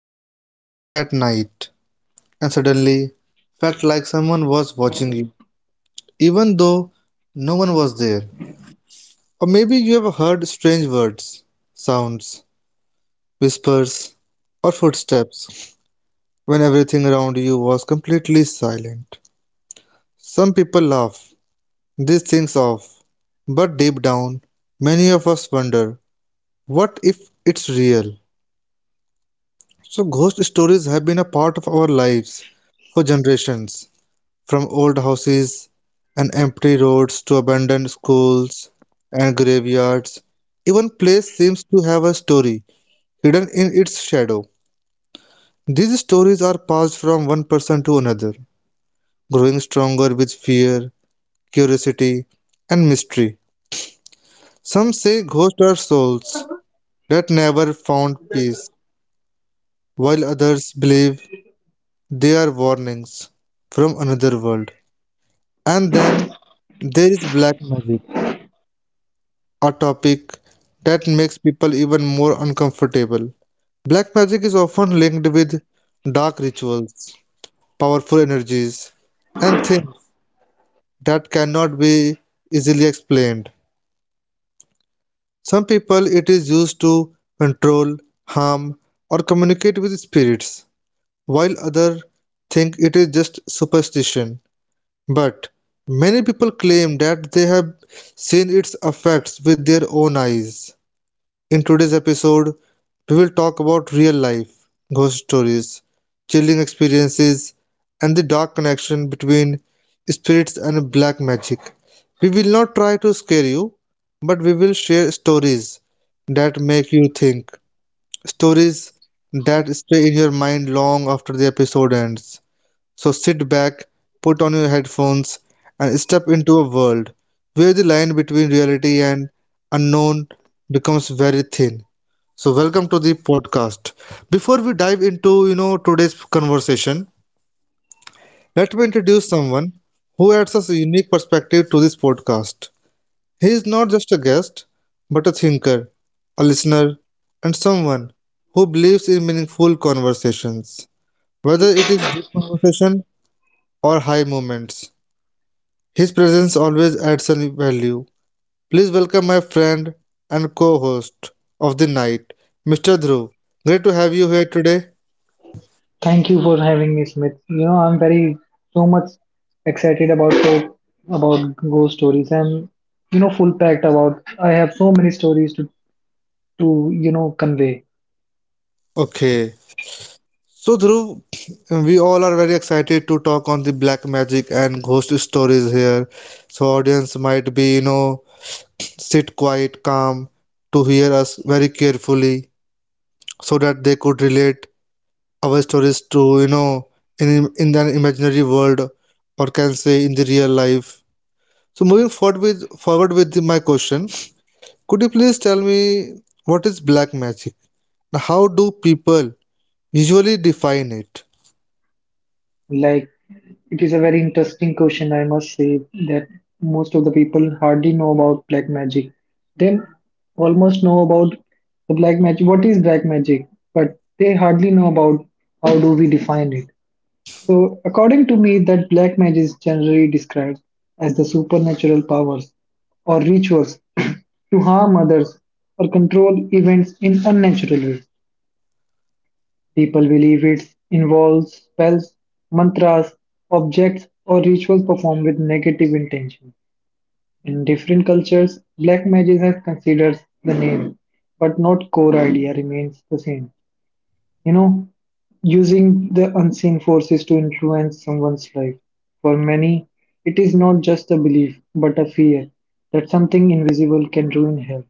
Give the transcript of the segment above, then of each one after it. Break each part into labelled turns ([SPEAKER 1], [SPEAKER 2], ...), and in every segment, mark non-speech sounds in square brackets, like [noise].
[SPEAKER 1] you ever been alone at night and suddenly felt like someone was watching you, even though no one was there? Or maybe you have heard strange words, sounds, whispers, or footsteps when everything around you was completely silent. Some people laugh these things off, but deep down, many of us wonder what if it's real? So, ghost stories have been a part of our lives for generations. From old houses and empty roads to abandoned schools and graveyards, even place seems to have a story hidden in its shadow. These stories are passed from one person to another, growing stronger with fear, curiosity, and mystery. Some say ghosts are souls that never found peace, while others believe they are warnings from another world. And then there is black magic, a topic that makes people even more uncomfortable. Black magic is often linked with dark rituals, powerful energies, and things that cannot be easily explained. Some people it is used to control, harm, or communicate with spirits, while others think it is just superstition. But many people claim that they have seen its effects with their own eyes. In today's episode, we will talk about real life ghost stories, chilling experiences, and the dark connection between spirits and black magic. We will not try to scare you, but we will share stories that make you think, stories that stay in your mind long after the episode ends. So sit back, put on your headphones, and step into a world where the line between reality and unknown becomes very thin. So welcome to the podcast. Before we dive into, today's conversation, let me introduce someone who adds us a unique perspective to this podcast. He is not just a guest, but a thinker, a listener, and someone who believes in meaningful conversations. Whether it is deep conversation or high moments, his presence always adds a value. Please welcome my friend and co-host of the night, Mr. Dhruv. Great to have you here today.
[SPEAKER 2] Thank you for having me, Smith. I'm very so much excited about the about ghost stories. I'm full packed about. I have so many stories to to convey.
[SPEAKER 1] Okay. So Dhruv, we all are very excited to talk on the black magic and ghost stories here. So audience might be, sit quiet, calm to hear us very carefully so that they could relate our stories to, in an imaginary world, or can say in the real life. So moving forward with my question, could you please tell me what is black magic? How do people usually define it?
[SPEAKER 2] Like it is a very interesting question. I must say that most of the people hardly know about black magic. They almost know about the black magic. What is black magic? But they hardly know about how do we define it. So, according to me, that black magic is generally described as the supernatural powers or rituals [clears throat] to harm others or control events in unnatural ways. People believe it involves spells, mantras, objects, or rituals performed with negative intention. In different cultures, black magic has considered the name, but not core idea remains the same you know, using the unseen forces to influence someone's life. For many, it is not just a belief, but a fear that something invisible can ruin health,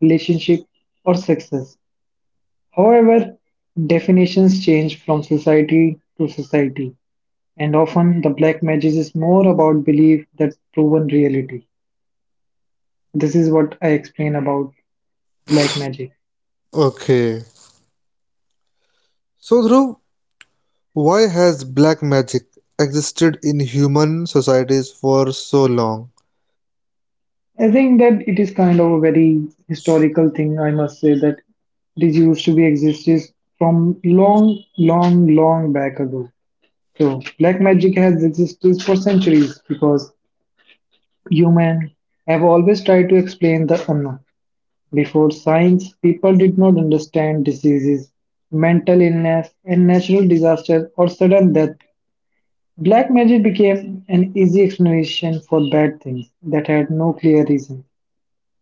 [SPEAKER 2] relationship, or success. However, definitions change from society to society, and often the black magic is more about belief that's proven reality. This is what I explain about black magic.
[SPEAKER 1] Okay. So Dhruv, why has black magic existed in human societies for so long?
[SPEAKER 2] I think that it is kind of a very historical thing, I must say, that it is used to be existed from long, long, long back ago. So black magic has existed for centuries because humans have always tried to explain the unknown. Before science, people did not understand diseases, mental illness, and natural disasters or sudden death. Black magic became an easy explanation for bad things that had no clear reason.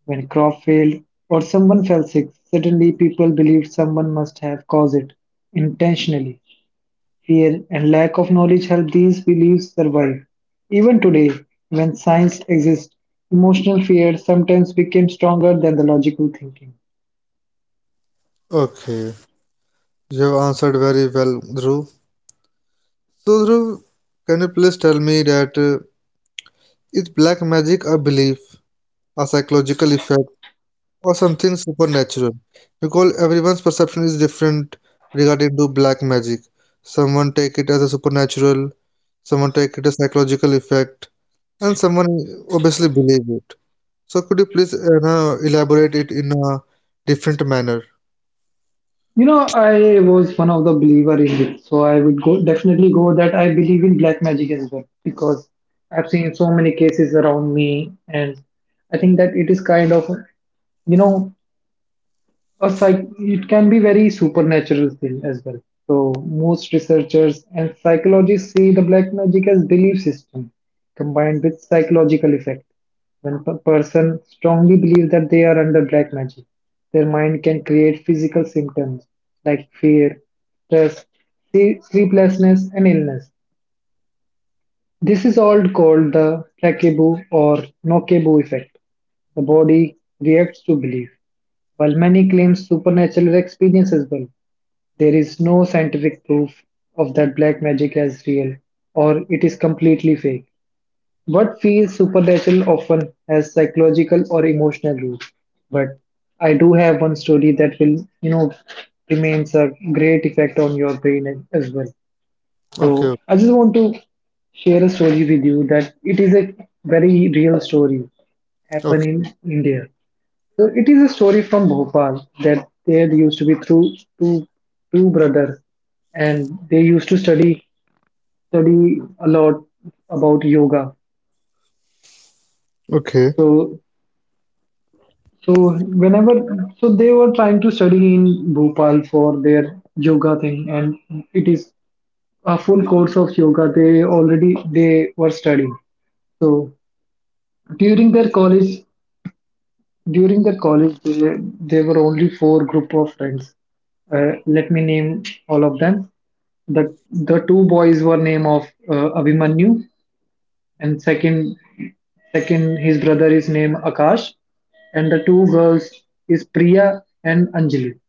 [SPEAKER 2] When crop failed or someone fell sick, suddenly people believed someone must have caused it intentionally. Fear and lack of knowledge helped these beliefs survive. Even today, when science exists, emotional fear sometimes became stronger than the logical thinking.
[SPEAKER 1] Okay. You have answered very well, Dhruv. So Dhruv, can you please tell me that is black magic a belief, a psychological effect, or something supernatural? Because everyone's perception is different regarding to black magic. Someone take it as a supernatural, someone take it as psychological effect, and someone obviously believe it. So could you please now elaborate it in a different manner?
[SPEAKER 2] I was one of the believer in it, so I would go definitely go that I believe in black magic as well, because I've seen so many cases around me, and I think that it is kind of you know a psych it can be very supernatural thing as well. So most researchers and psychologists see the black magic as belief system combined with psychological effect. When a person strongly believes that they are under black magic, their mind can create physical symptoms like fear, stress, sleeplessness, and illness. This is all called the placebo or nocebo effect. The body reacts to belief. While many claim supernatural experience as well, there is no scientific proof of that black magic as real or it is completely fake. What feels supernatural often has psychological or emotional roots, but I do have one story that will, you know, remains a great effect on your brain as well. So
[SPEAKER 1] Okay,
[SPEAKER 2] I just want to share a story with you that it is a very real story happened
[SPEAKER 1] okay,
[SPEAKER 2] in India. So it is a story from Bhopal that there used to be through two two brothers, and they used to study a lot about yoga.
[SPEAKER 1] okay.
[SPEAKER 2] So so whenever, so they were trying to study in Bhopal for their yoga thing, and it is a full course of yoga they were studying. So during their college during their college they were only four group of friends. Let me name all of them. The two boys were name of Abhimanyu, and second his brother is named Akash, and the two girls is Priya and Anjali.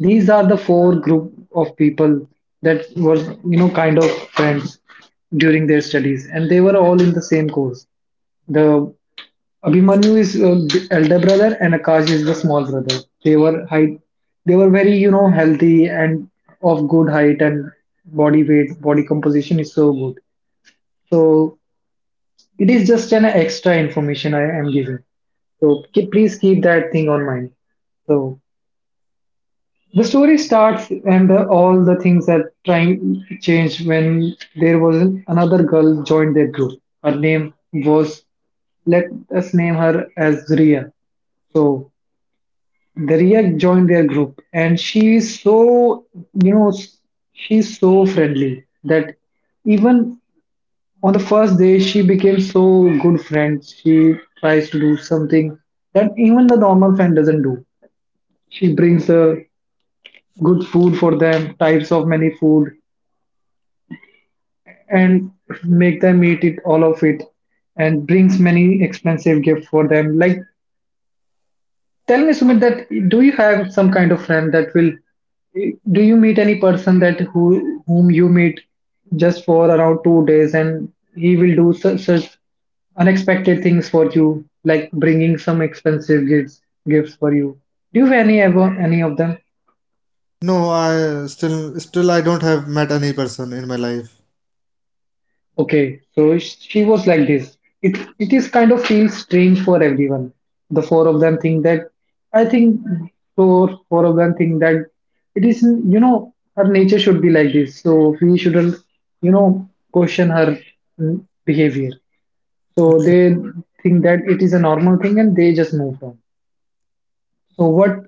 [SPEAKER 2] These are the four group of people that were kind of friends during their studies, and they were all in the same course. The Abhimanyu is the elder brother, and Akash is the small brother. They were they were very healthy and of good height, and body weight, body composition is so good. So it is just an extra information I am giving. So please keep that thing on mind. So the story starts, and all the things are trying changed when there was another girl joined their group. Her name was, let us name her as Ria. So Daria joined their group, and she is so, you know, she's so friendly that even on the first day she became so good friends. She tries to do something that even the normal friend doesn't do. She brings good food for them, types of many food, and make them eat it all of it, and brings many expensive gift for them. Like, tell me, Sumit, that do you have some kind of friend that will? Do you meet any person that who whom you meet just for around 2 days, and he will do such unexpected things for you, like bringing some expensive gifts for you? Do you have any ever any of them?
[SPEAKER 1] No, I still I don't have met any person in my life.
[SPEAKER 2] Okay, so she was like this. It is kind of feels strange for everyone. The four of them think that, I think, four of them think that it is her nature should be like this. So we shouldn't question her mm, behavior. So they think that it is a normal thing, and they just move on. So what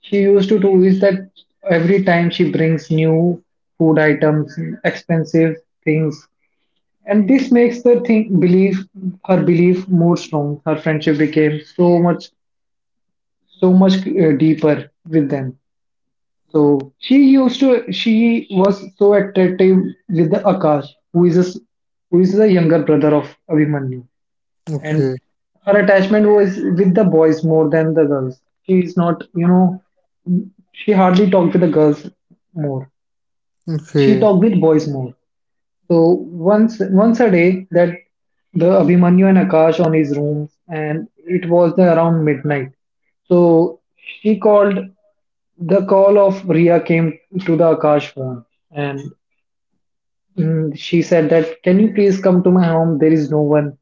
[SPEAKER 2] she used to do is that every time she brings new food items, expensive things, and this makes the thing believe her belief more strong. Her friendship became so much deeper with them. So she used to she was so attractive with the Akash, who is a who is the younger brother of Abhimanyu. And
[SPEAKER 1] Okay,
[SPEAKER 2] her attachment was with the boys more than the girls. She is not, she hardly talked with the girls more. She
[SPEAKER 1] okay,
[SPEAKER 2] talked with boys more. So once a day that the Abhimanyu and Akash on his rooms, and it was the around midnight. So she called the call of Ria came to the Akash phone, and she said that can you please come to my home? There is no one,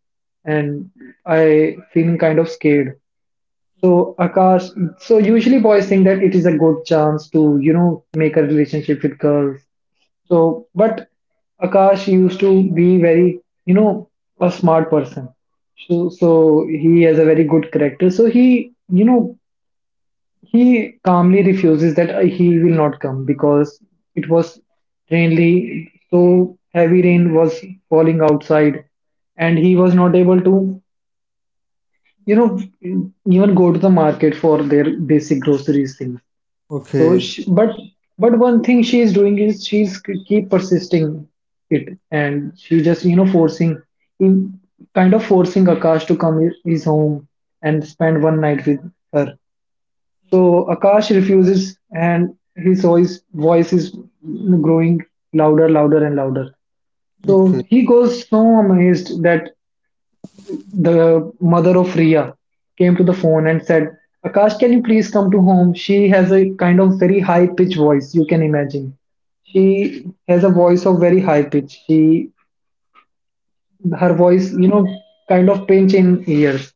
[SPEAKER 2] and I feeling kind of scared. So Akash, so usually boys think that it is a good chance to, you know, make a relationship with girls, so, but Akash used to be very, you know, a smart person. So he has a very good character. So he, you know, he calmly refuses that he will not come, because it was rainly, so heavy rain was falling outside, and he was not able to, you know, even go to the market for their basic groceries things. So,
[SPEAKER 1] okay,
[SPEAKER 2] she, but one thing she is doing is she's keep persisting it, and she just forcing, in, kind of forcing Akash to come his home and spend one night with her. So Akash refuses, and his voice is growing louder, louder, and louder.
[SPEAKER 1] okay,
[SPEAKER 2] So he goes so amazed that the mother of Ria came to the phone and said, Akash, can you please come to home? She has a kind of very high pitch voice, you can imagine. She has a voice of very high pitch. She her voice, you know, kind of pinch in ears.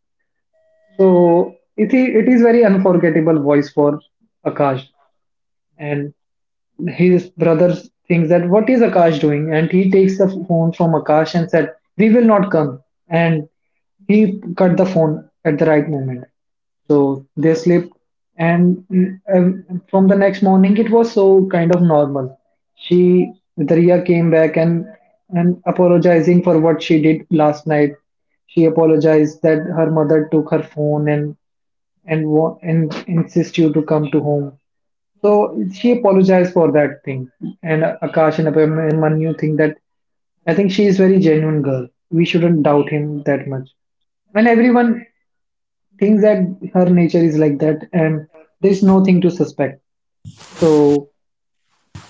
[SPEAKER 2] So it is very unforgettable voice for Akash. And his brother thinks that what is Akash doing? And he takes the phone from Akash and said, "We will not come." And he cut the phone at the right moment. So they slept, and um, from the next morning, it was so kind of normal. She Darya came back, and apologizing for what she did last night. She apologized that her mother took her phone and and insist you to come to home, so she apologized for that thing. And Akash and Manu think that I think she is very genuine girl. We shouldn't doubt him that much. And everyone thinks that her nature is like that, and there's nothing to suspect. So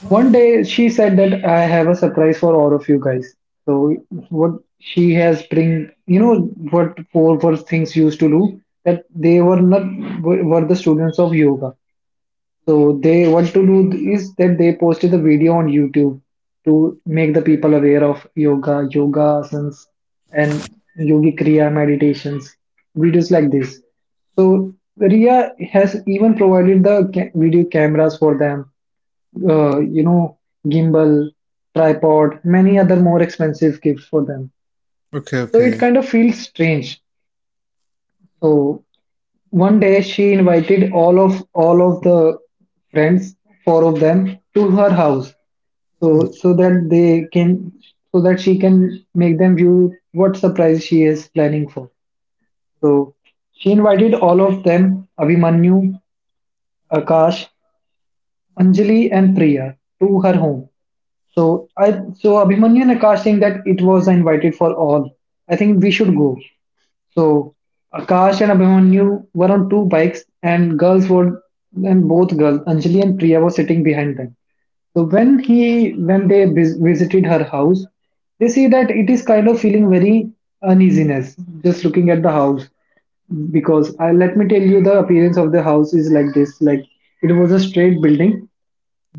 [SPEAKER 2] one day she said that I have a surprise for all of you guys. So what she has bring, you know, what four first things used to do that they were not were the students of yoga. So they what to do is that they posted the video on YouTube to make the people aware of yoga, yoga asanas, and yogi kriya meditations, videos like this. So Ria has even provided the video cameras for them, uh, you know, gimbal, tripod, many other more expensive gifts for them.
[SPEAKER 1] okay,
[SPEAKER 2] So it
[SPEAKER 1] okay,
[SPEAKER 2] kind of feels strange. So one day she invited all of the friends, four of them, to her house, so that they can, so that she can make them view what surprise she is planning for. So she invited all of them, Abhimanyu, Akash, Anjali, and Priya, to her home. So I so Abhimanyu and Akash think that it was invited for all. I think we should go. So Akash and Abhimanyu were on two bikes, and girls were and both girls, Anjali and Priya, were sitting behind them. So when they visited her house, they see that it is kind of feeling very uneasiness just looking at the house because let me tell you the appearance of the house is like this, like it was a straight building,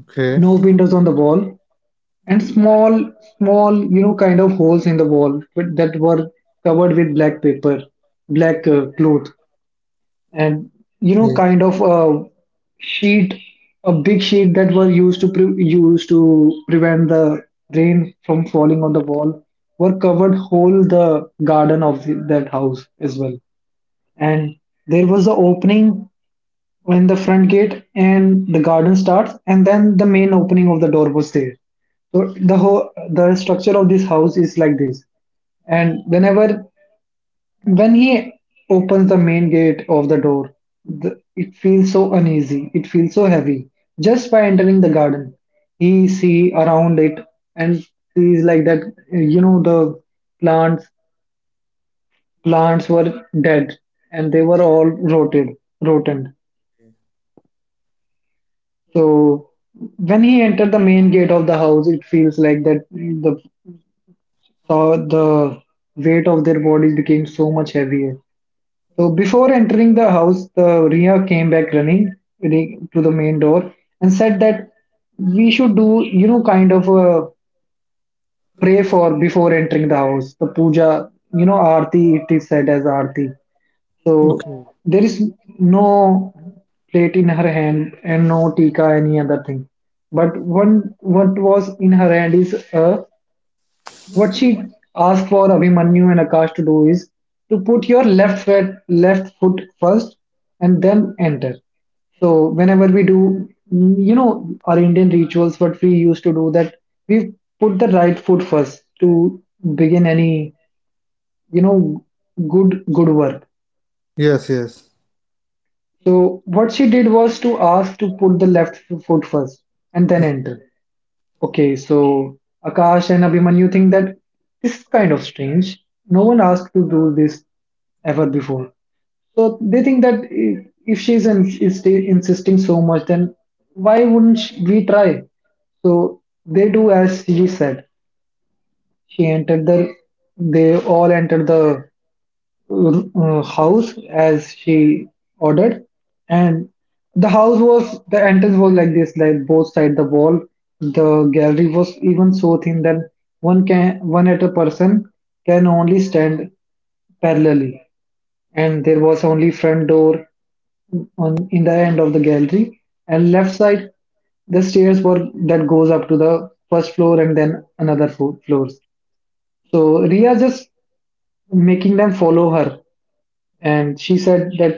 [SPEAKER 1] okay,
[SPEAKER 2] no windows on the wall, and small, small, kind of holes in the wall that were covered with black paper, black cloth, and, you know,
[SPEAKER 1] okay,
[SPEAKER 2] kind of a sheet, a big sheet that were used to prevent the rain from falling on the wall, were covered whole the garden of that house as well, and there was an opening when the front gate and the garden starts, and then the main opening of the door was there. So the structure of this house is like this. And when he opens the main gate of the door, it feels so uneasy, it feels so heavy just by entering the garden. He see around it and sees like that, you know, the plants plants were dead, and they were all rotted rotten. So when he entered the main gate of the house, it feels like that the weight of their bodies became so much heavier. So before entering the house, the Ria came back running to the main door and said that we should do, you know, kind of a pray for before entering the house. The puja, you know, arti, it is said as arti. So
[SPEAKER 1] okay.
[SPEAKER 2] there is no plate in her hand and no tika any other thing. But one what was in her hand is what she asked for Abhimanyu and Akash to do is to put your left foot first and then enter. So whenever we do, you know, our Indian rituals, what we used to do that we put the right foot first to begin any, you know, good work.
[SPEAKER 1] Yes, yes.
[SPEAKER 2] So what she did was to ask to put the left foot first and then enter. Okay, so Akash and Abhimanyu think that this is kind of strange. No one asked to do this ever before. So they think that, if she's insisting so much, then why wouldn't we try? So they do as she said. She entered the. They all entered the house as she ordered. And the house was the entrance was like this, like both side the wall, the gallery was even so thin that one at a person can only stand parallelly. And there was only front door on in the end of the gallery, and left side the stairs were that goes up to the first floor and then another floors. So Ria just making them follow her, and she said that,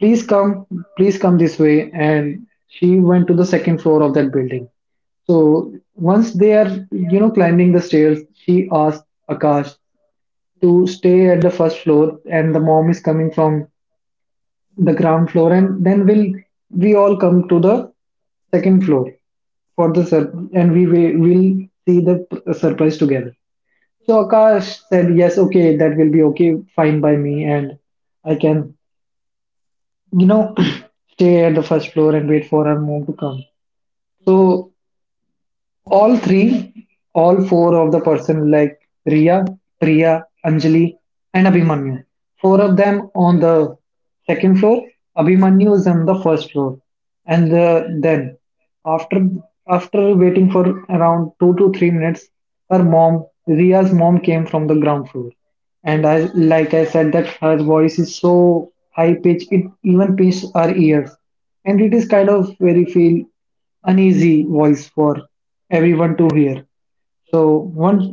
[SPEAKER 2] please come, please come this way. And she went to the second floor of that building. So once they are, you know, climbing the stairs, she asked Akash to stay at the first floor, and the mom is coming from the ground floor, and then we all come to the second floor for the and we will see the surprise together. So Akash said, yes, okay, that will be okay, fine by me, and I can, you know, [clears throat] stay at the first floor and wait for her mom to come. So all three, all four of the person, like Riya, Priya, Anjali, and Abhimanyu. Four of them on the second floor. Abhimanyu is on the first floor, and then after after waiting for around 2 to 3 minutes, her mom, Riya's mom, came from the ground floor. And I said that her voice is so high pitched, it even pierces our ears, and it is kind of very feel uneasy voice for everyone to hear. So once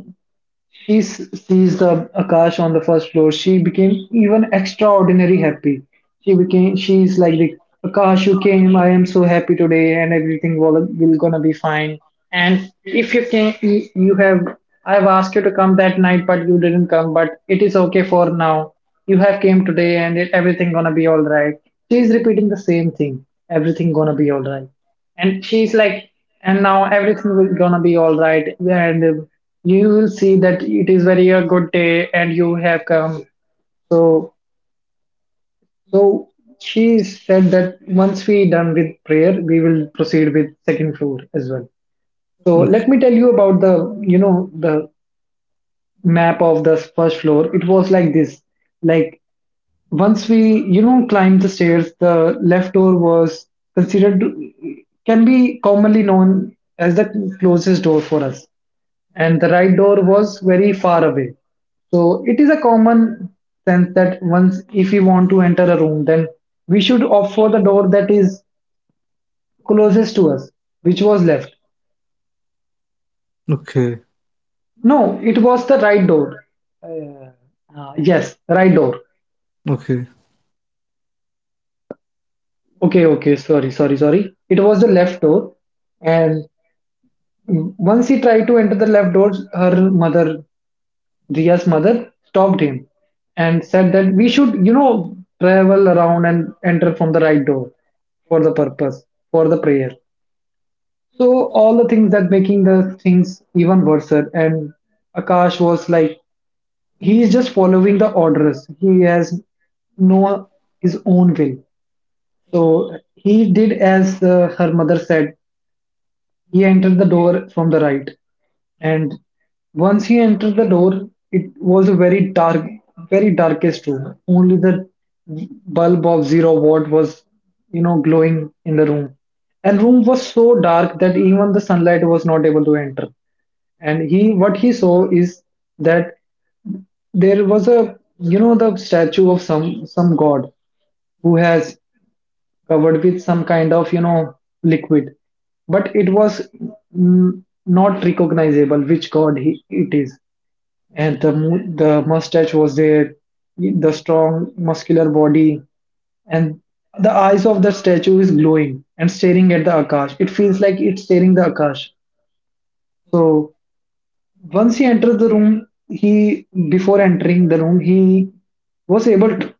[SPEAKER 2] she sees the Akash on the first floor, she became even extraordinary happy. She became, she's like, the Akash, you came. I am so happy today, and will gonna be fine. And if you can, you have, I have asked you to come that night, but you didn't come. But it is okay for now. You have came today, and everything gonna be all right. She is repeating the same thing. Everything gonna be all right. And she's like, and now everything will gonna be all right, and, you will see that it is very a good day and you have come. so so she said that once we done with prayer, we will proceed with second floor as well. So let me tell you about the, you know, the map of the first floor. It was like this, like once we, you know, climbed the stairs, the left door was considered, can be commonly known as the closest door for us, and the right door was very far away. So it is a common sense that once if we want to enter a room, then we should opt for the door that is closest to us, which was left.
[SPEAKER 1] Okay,
[SPEAKER 2] No, it was the right door. Uh, yes, right door.
[SPEAKER 1] okay.
[SPEAKER 2] Okay, okay, sorry, sorry, sorry. It was the left door, and once he tried to enter the left door, her mother, Riya's mother, stopped him and said that we should, you know, travel around and enter from the right door for the purpose, for the prayer. So all the things that making the things even worse. And Akash was like, he is just following the orders. He has no his own will. So he did as her mother said. He entered the door from the right, and once he entered the door, it was a very dark, very darkest room. Only the bulb of zero watt was, you know, glowing in the room. And room was so dark that even the sunlight was not able to enter. And he, what he saw is that there was a, you know, the statue of some god who has covered with some kind of, you know, liquid, but it was, not recognizable which god it is. And the mustache was there, the strong muscular body, and the eyes of the statue is glowing and staring at the Akash. It feels like it's staring the Akash. So once he entered the room he before entering the room, he was able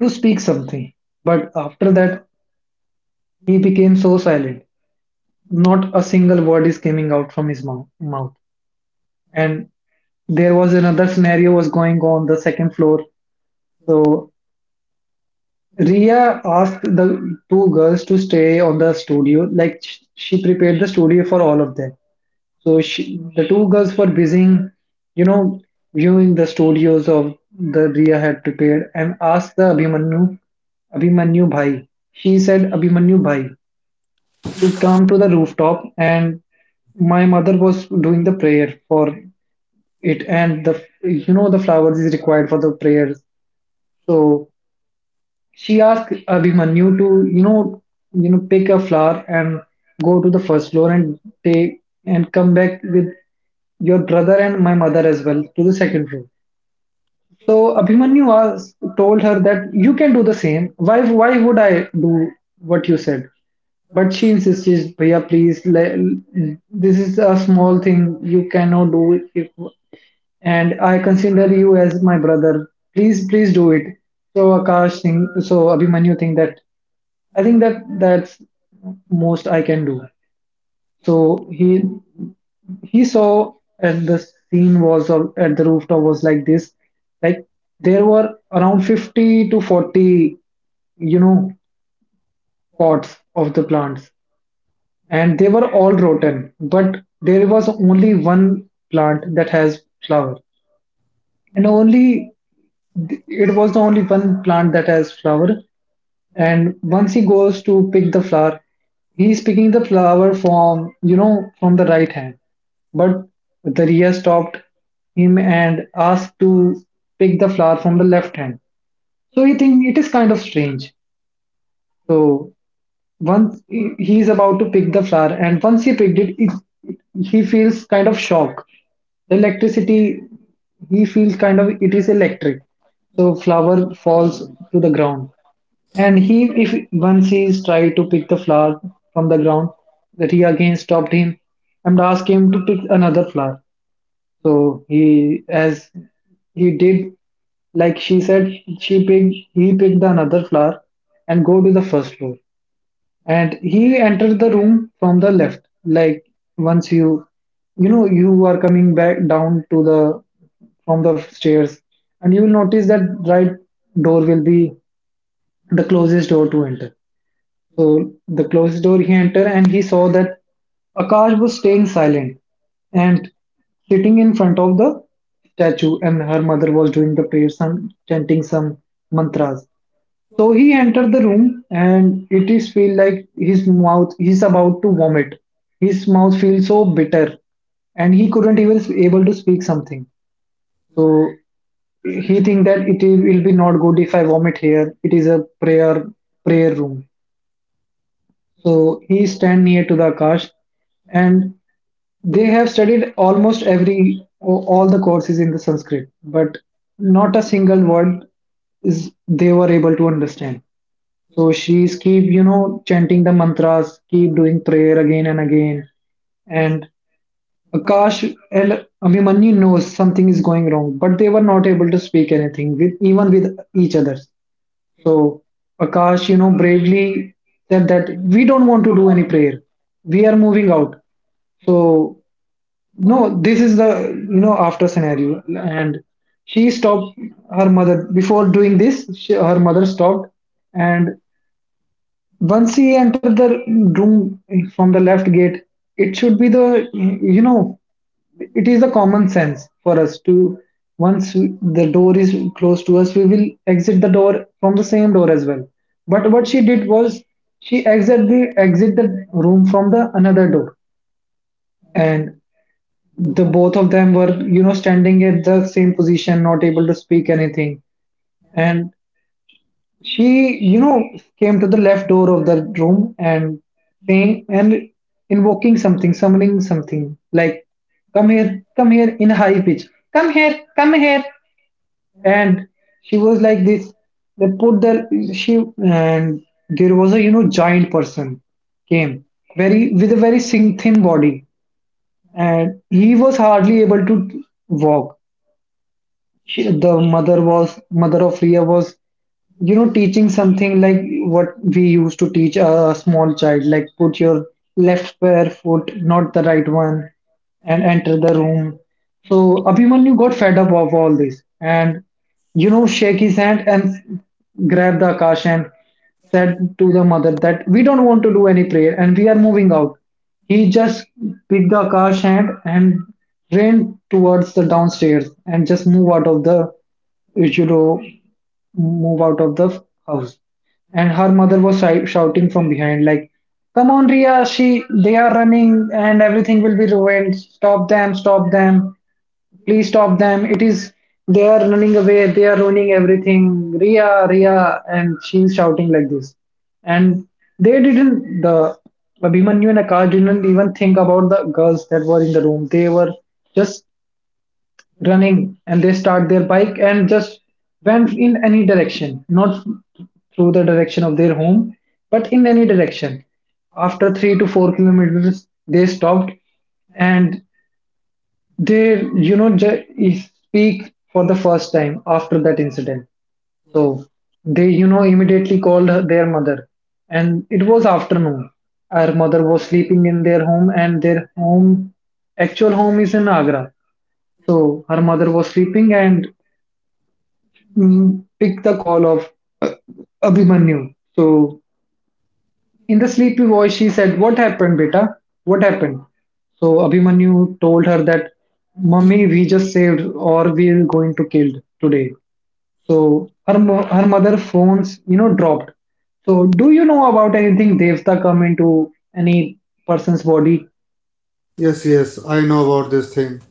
[SPEAKER 2] to speak something, but after that he became so silent. Not a single word is coming out from his mouth. And there was another scenario was going on the second floor. So Ria asked the two girls to stay on the studio. Like she prepared the studio for all of them. So the two girls were busy, you know, viewing the studios of the Ria had prepared, and asked the Abhimanyu Bhai. She said Abhimanyu Bhai to come to the rooftop. And my mother was doing the prayer for it, and the, you know, the flowers is required for the prayers. So she asked Abhimanyu to, you know, you know, pick a flower and go to the first floor and take and come back with your brother and my mother as well to the second floor. So Abhimanyu was told her that you can do the same. Why would I do what you said? But she insisted, Bhaiya, please, this is a small thing. You cannot do it. If, and I consider you as my brother. Please, please do it. So Abhimanyu think that I think that that's most I can do. So he saw at the at the rooftop was like this, like there were around 50 to 40, you know, pots of the plants, and they were all rotten, but there was only one plant that has flower. And only it was the only one plant that has flower. And once he goes to pick the flower, he is picking the flower from, you know, from the right hand. But the Riya stopped him and asked to pick the flower from the left hand. So he think it is kind of strange. So once he is about to pick the flower, and once he picked it, he feels kind of shock, electricity. He feels kind of it is electric. So flower falls to the ground. And he if once he is tried to pick the flower from the ground, that he again stopped him and asked him to pick another flower. So he, as he did like she said, she picked he picked the another flower and go to the first floor. And he entered the room from the left, like, once you, you know, you are coming back down to the, from the stairs, and you will notice that right door will be the closest door to enter. So the closest door he entered, and he saw that Akash was staying silent and sitting in front of the statue, and her mother was doing the prayers and chanting some mantras. So he entered the room, and it is feel like his mouth, he's about to vomit. His mouth feels so bitter, and he couldn't even able to speak something. So he think that will be not good if I vomit here. It is a prayer room. So he stand near to the Akash, and they have studied almost every all the courses in the Sanskrit, but not a single word is they were able to understand. So she's keep, you know, chanting the mantras, keep doing prayer again and again. And Akash and Abhimanyu knows something is going wrong, but they were not able to speak anything with, even with each other. So Akash, you know, bravely said that we don't want to do any prayer. We are moving out. So no, this is the, you know, after scenario. And she stopped her mother before doing this. She, her mother stopped. And once he entered the room from the left gate, it should be the, you know, it is the common sense for us to, once the door is closed to us, we will exit the door from the same door as well. But what she did was, she exit the room from the another door. And the both of them were, you know, standing at the same position, not able to speak anything. And she, you know, came to the left door of the room and saying and invoking something, summoning something, like, "Come here, come here!" in a high pitch, "Come here, come here!" And she was like this. They put the, she, and there was a, you know, giant person came, very with a very thin body, and he was hardly able to walk. She, the mother was, mother of Ria was, you know, teaching something, like, what we used to teach a small child, like, put your left pair foot, not the right one, and enter the room. So Abhimanyu got fed up of all this, and, you know, shake his hand and grab the Akash, and said to the mother that we don't want to do any prayer and we are moving out. He just picked the car's hand and ran towards the downstairs and just move out of the, you should, oh, move out of the house. And her mother was shouting from behind, like, "Come on, Ria! She, they are running, and everything will be ruined. Stop them! Stop them! Please stop them! It is, they are running away, they are ruining everything. Ria, Ria!" And she's shouting like this. And they didn't, the Abhimanyu and Akash didn't even think about the girls that were in the room. They were just running. And they start their bike and just went in any direction, not through the direction of their home, but in any direction. After 3 to 4 kilometers, they stopped. And they, you know, speak for the first time after that incident. So they, you know, immediately called their mother. And it was afternoon. Our mother was sleeping in their home, and their home, actual home, is in Agra. So her mother was sleeping and, mm, picked the call of, uh, Abhimanyu. So in the sleepy voice, she said, "What happened, beta? What happened?" So Abhimanyu told her that, "Mummy, we just saved or we're going to kill today." So her, her mother phones, you know, dropped. So do you know about anything Devta come into any person's body?
[SPEAKER 1] Yes, yes, I know about this thing.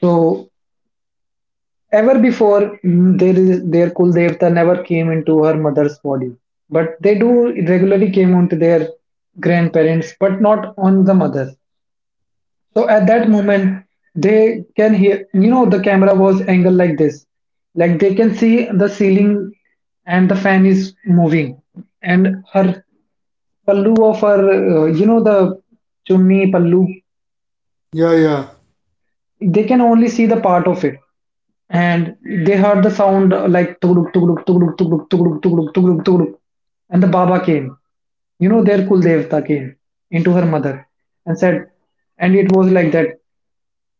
[SPEAKER 2] So ever before, mm, there is their Kul Devta never came into her mother's body. But they do regularly came onto their grandparents, but not on the mother. So at that moment, they can hear, you know, the camera was angled like this. Like, they can see the ceiling and the fan is moving. And her pallu of her, you know, the chumni pallu,
[SPEAKER 1] Yeah, yeah.
[SPEAKER 2] they can only see the part of it. And they heard the sound, like, tugduk, tugduk, tugduk, tugduk, tugduk, tugduk, tugduk, tugduk. And the Baba came, you know, their Kuldevta came into her mother and said, and it was like that.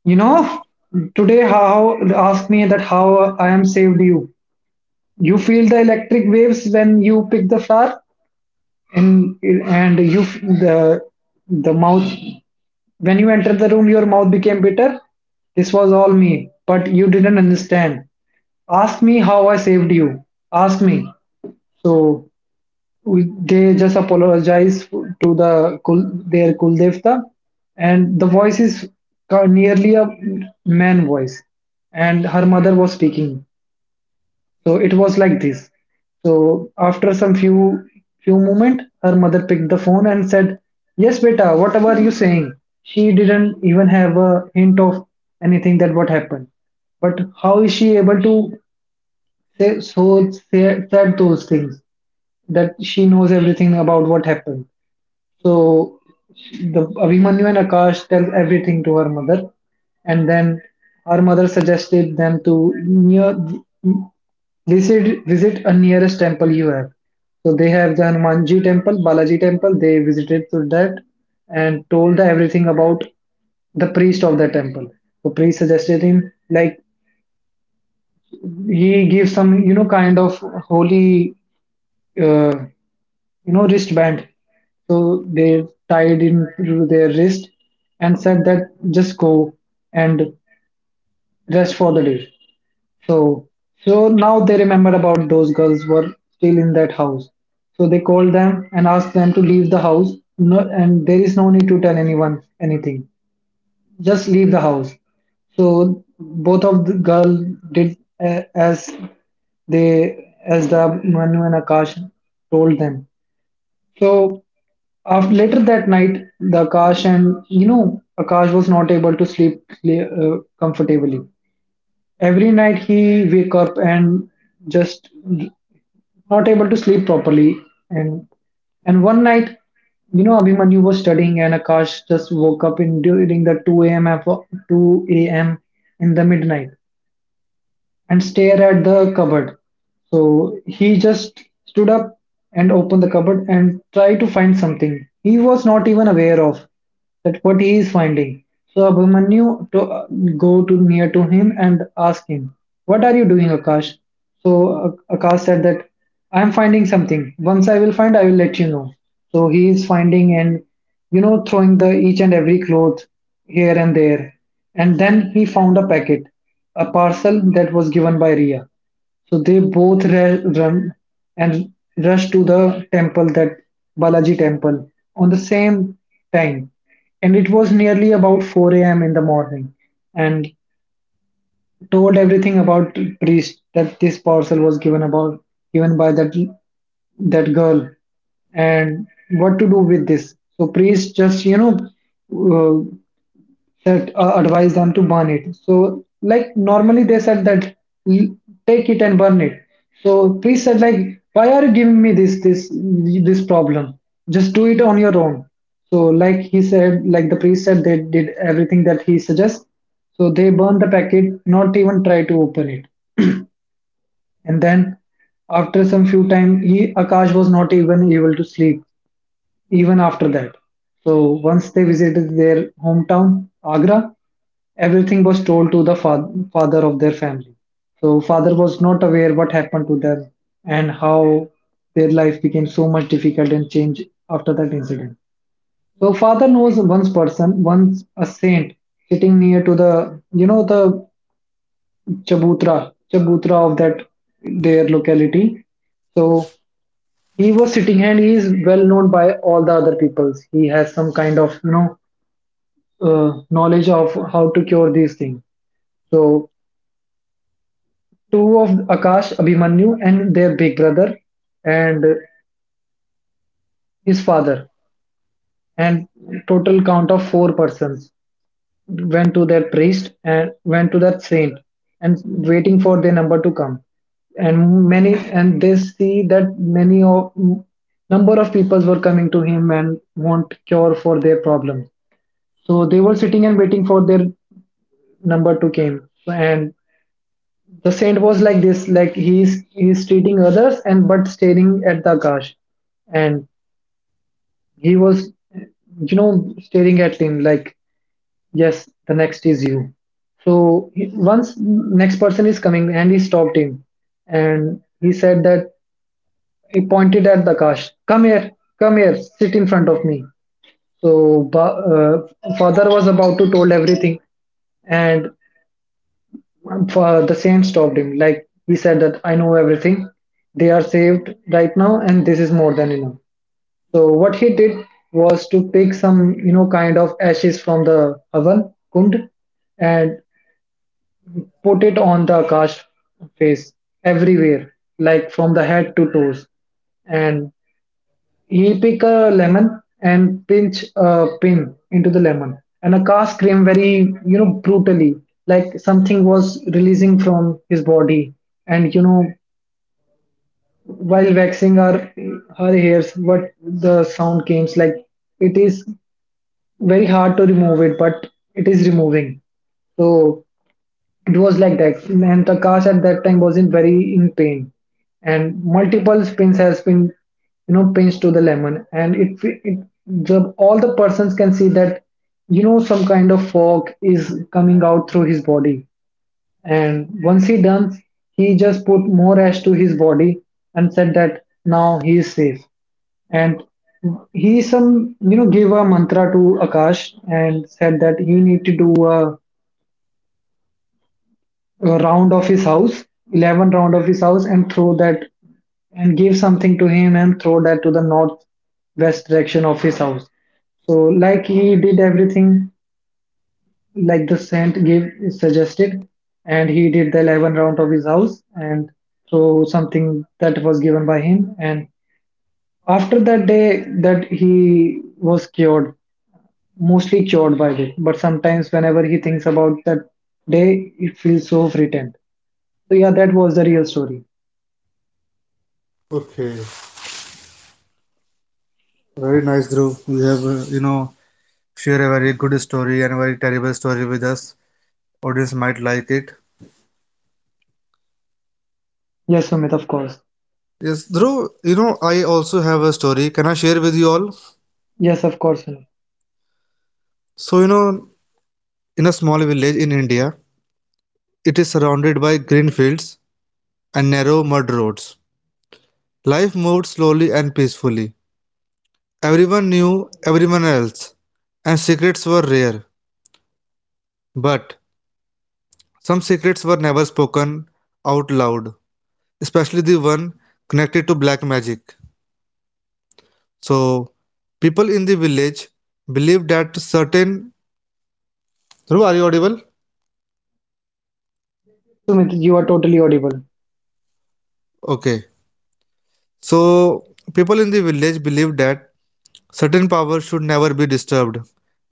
[SPEAKER 2] "You know, today how ask me that how I am saved you. You feel the electric waves when you pick the flower, and and you the mouth when you entered the room, your mouth became bitter. This was all me, but you didn't understand. Ask me how I saved you. Ask me." So we, they just apologize to the kul, their kuldevta. And the voice is nearly a man voice, and her mother was speaking. So it was like this. So after some few moment, her mother picked the phone and said, "Yes, beta, whatever you saying." She didn't even have a hint of anything that what happened, but how is she able to said those things, that she knows everything about what happened. So the Abhimanyu and Akash tell everything to her mother, and then her mother suggested them to near visit a nearest temple you have. So they have the Hanumanji temple, Balaji temple. They visited to that and told everything about the priest of the temple. The priest suggested him, like, he gives some, you know, kind of holy, uh, you know, wristband. So they tied into their wrist and said that just go and rest for the day. So, so now they remembered about those girls were still in that house. So they called them and asked them to leave the house. No, and there is no need to tell anyone anything, just leave the house. So both of the girl did, as they, as the Manu and Akash told them. So after later that night, the Akash, and, you know, Akash was not able to sleep comfortably. Every night he wake up and just not able to sleep properly. And and one night, you know, Abhimanyu was studying and Akash just woke up in during the 2 a.m., and 2 a.m. in the midnight, and stare at the cupboard. So he just stood up and opened the cupboard and tried to find something. He was not even aware of that what he is finding. So Abhimanyu to, go to near to him and ask him, "What are you doing, Akash?" So Akash said that, "I am finding something. Once I will find, I will let you know." So he is finding and, you know, throwing the each and every cloth here and there. And then he found a packet, a parcel that was given by Ria. So they both run and rushed to the temple, that Balaji temple, on the same time. And it was nearly about 4 a.m. in the morning. And told everything about priest that this parcel was given about given by that that girl, and what to do with this. So priest just, you know, uh, that advise them to burn it. So, like, normally they said that, "L- take it and burn it." So priest said, like, "Why are you giving me this problem? Just do it on your own." So like he said, like the priest said, they did everything that he suggests. So they burned the packet, not even try to open it. And then after some few time, he Akash was not even able to sleep even after that. So once they visited their hometown, Agra, everything was told to the father of their family. So father was not aware what happened to them and how their life became so much difficult and changed after that incident. So father knows once person, once a saint sitting near to the, you know, the Chabutra, Chabutra of that their locality. So he was sitting and he is well known by all the other peoples. He has some kind of, you know, knowledge of how to cure these things. So two of Akash, Abhimanyu, and their big brother, and his father, and total count of four persons went to that priest and went to that saint, and waiting for their number to come. And many, and they see that, many of number of peoples were coming to him and want cure for their problem. So they were sitting and waiting for their number to came. And the saint was like this, like he is, he is treating others, and but staring at the Akash. And he was, you know, staring at him like, yes, the next is you. So he, once next person is coming, and he stopped him, and he said that, he pointed at the Akash, "Come here, come here, sit in front of me." So father was about to told everything, and for the saint stopped him. Like he said that I know everything. They are saved right now, and this is more than enough. So what he did was to pick some, kind of ashes from the oven kund and put it on the Akash face everywhere, like from the head to toes. And he pick a lemon and pinch a pin into the lemon, and a car screamed very, brutally, like something was releasing from his body. And while waxing her hairs, what the sound came like it is very hard to remove it, but it is removing. So it was like that and the cast at that time was in very in pain and multiple pins has been pins to the lemon and it all the persons can see that some kind of fog is coming out through his body and once he done he just put more ash to his body and said that now he is safe and he some gave a mantra to akash and said that he need to do a round of his house, 11 round of his house, and throw that and give something to him and throw that to the northwest direction of his house. So, like he did everything like the saint gave suggested, and he did the 11 round of his house and throw something that was given by him. And after that day, that he was cured, mostly cured by it. But sometimes, whenever he thinks about that day, it feels so frightened. So, yeah, that was the real story.
[SPEAKER 1] Okay. Very nice, Dhruv. You have, share a very good story and a very terrible story with us. Audience might like it.
[SPEAKER 2] Yes, Sumit, of course.
[SPEAKER 1] Yes, Dhruv, I also have a story. Can I share with you all?
[SPEAKER 2] Yes, of course, Sumit.
[SPEAKER 1] So, in a small village in India, it is surrounded by green fields and narrow mud roads. Life moved slowly and peacefully. Everyone knew everyone else, and secrets were rare. But some secrets were never spoken out loud, especially the one connected to black magic. So, people in the village believed that certain. Dhruv, are you audible?
[SPEAKER 2] Yes, yes, Sumit, you are totally audible.
[SPEAKER 1] Okay. So, people in the village believed that certain powers should never be disturbed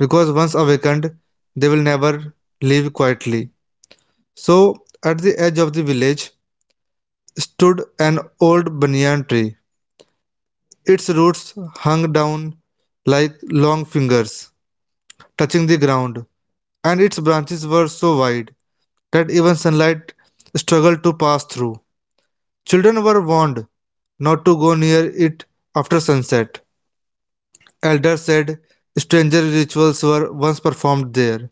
[SPEAKER 1] because once awakened, they will never leave quietly. So, at the edge of the village stood an old banyan tree. Its roots hung down like long fingers touching the ground, and its branches were so wide that even sunlight struggled to pass through. Children were warned not to go near it after sunset. Elders said stranger rituals were once performed there,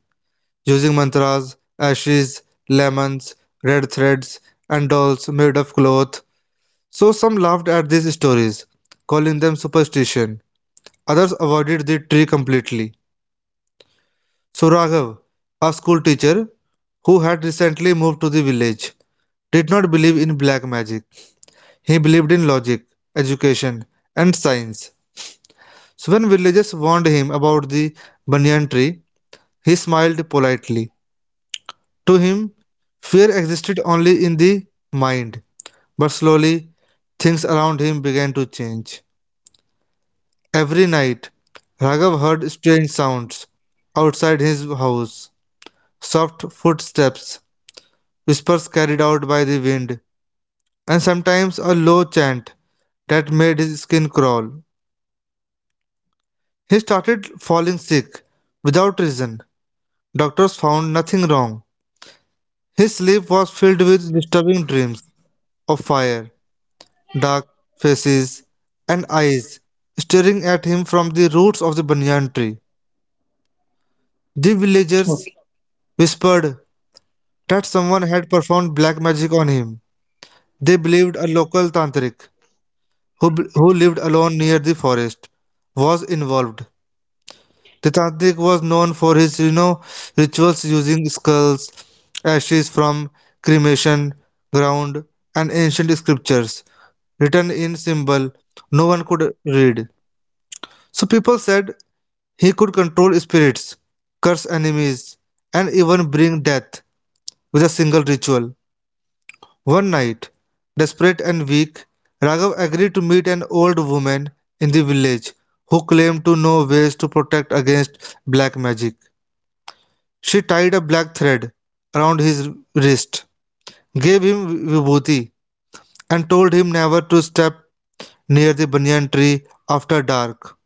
[SPEAKER 1] using mantras, ashes, lemons, red threads, and dolls made of cloth. So some laughed at these stories, calling them superstition. Others avoided the tree completely. So Raghav, a school teacher who had recently moved to the village, did not believe in black magic. He believed in logic, education, and science. So when villagers warned him about the banyan tree, he smiled politely. To him, fear existed only in the mind. But slowly, things around him began to change. Every night, Raghav heard strange sounds outside his house, soft footsteps, whispers carried out by the wind, and sometimes a low chant that made his skin crawl. He started falling sick without reason. Doctors found nothing wrong. His sleep was filled with disturbing dreams of fire, dark faces, and eyes staring at him from the roots of the banyan tree. The villagers
[SPEAKER 2] Okay,
[SPEAKER 1] whispered that someone had performed black magic on him. They believed a local tantric who lived alone near the forest, was involved. Titadik was known for his, rituals using skulls, ashes from cremation ground, and ancient scriptures written in symbol no one could read. So people said he could control spirits, curse enemies, and even bring death with a single ritual. One night, desperate and weak, Raghav agreed to meet an old woman in the village who claimed to know ways to protect against black magic. She tied a black thread around his wrist, gave him vibhuti, and told him never to step near the banyan tree after dark.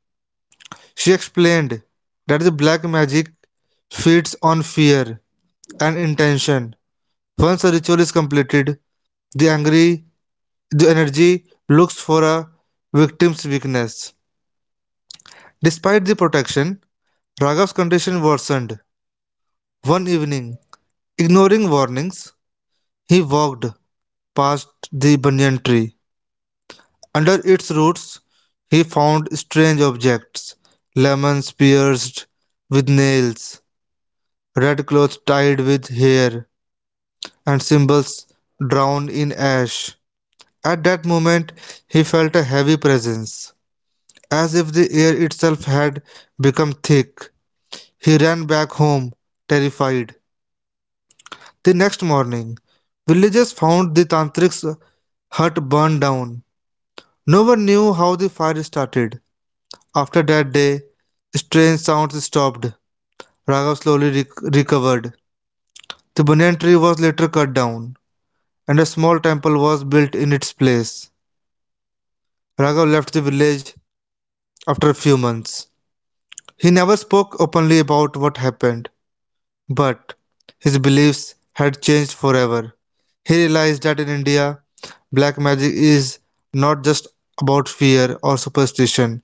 [SPEAKER 1] She explained that the black magic feeds on fear and intention. Once a ritual is completed, the angry the energy looks for a victim's weakness. Despite the protection, Raghav's condition worsened. One evening, ignoring warnings, he walked past the banyan tree. Under its roots, he found strange objects, lemons pierced with nails, red clothes tied with hair, and symbols drowned in ash. At that moment, he felt a heavy presence. As if the air itself had become thick, he ran back home, terrified. The next morning, villagers found the Tantric's hut burned down. No one knew how the fire started. After that day, strange sounds stopped. Raghav slowly recovered. The banyan tree was later cut down, and a small temple was built in its place. Raghav left the village after a few months. He never spoke openly about what happened, but his beliefs had changed forever. He realized that in India, black magic is not just about fear or superstition,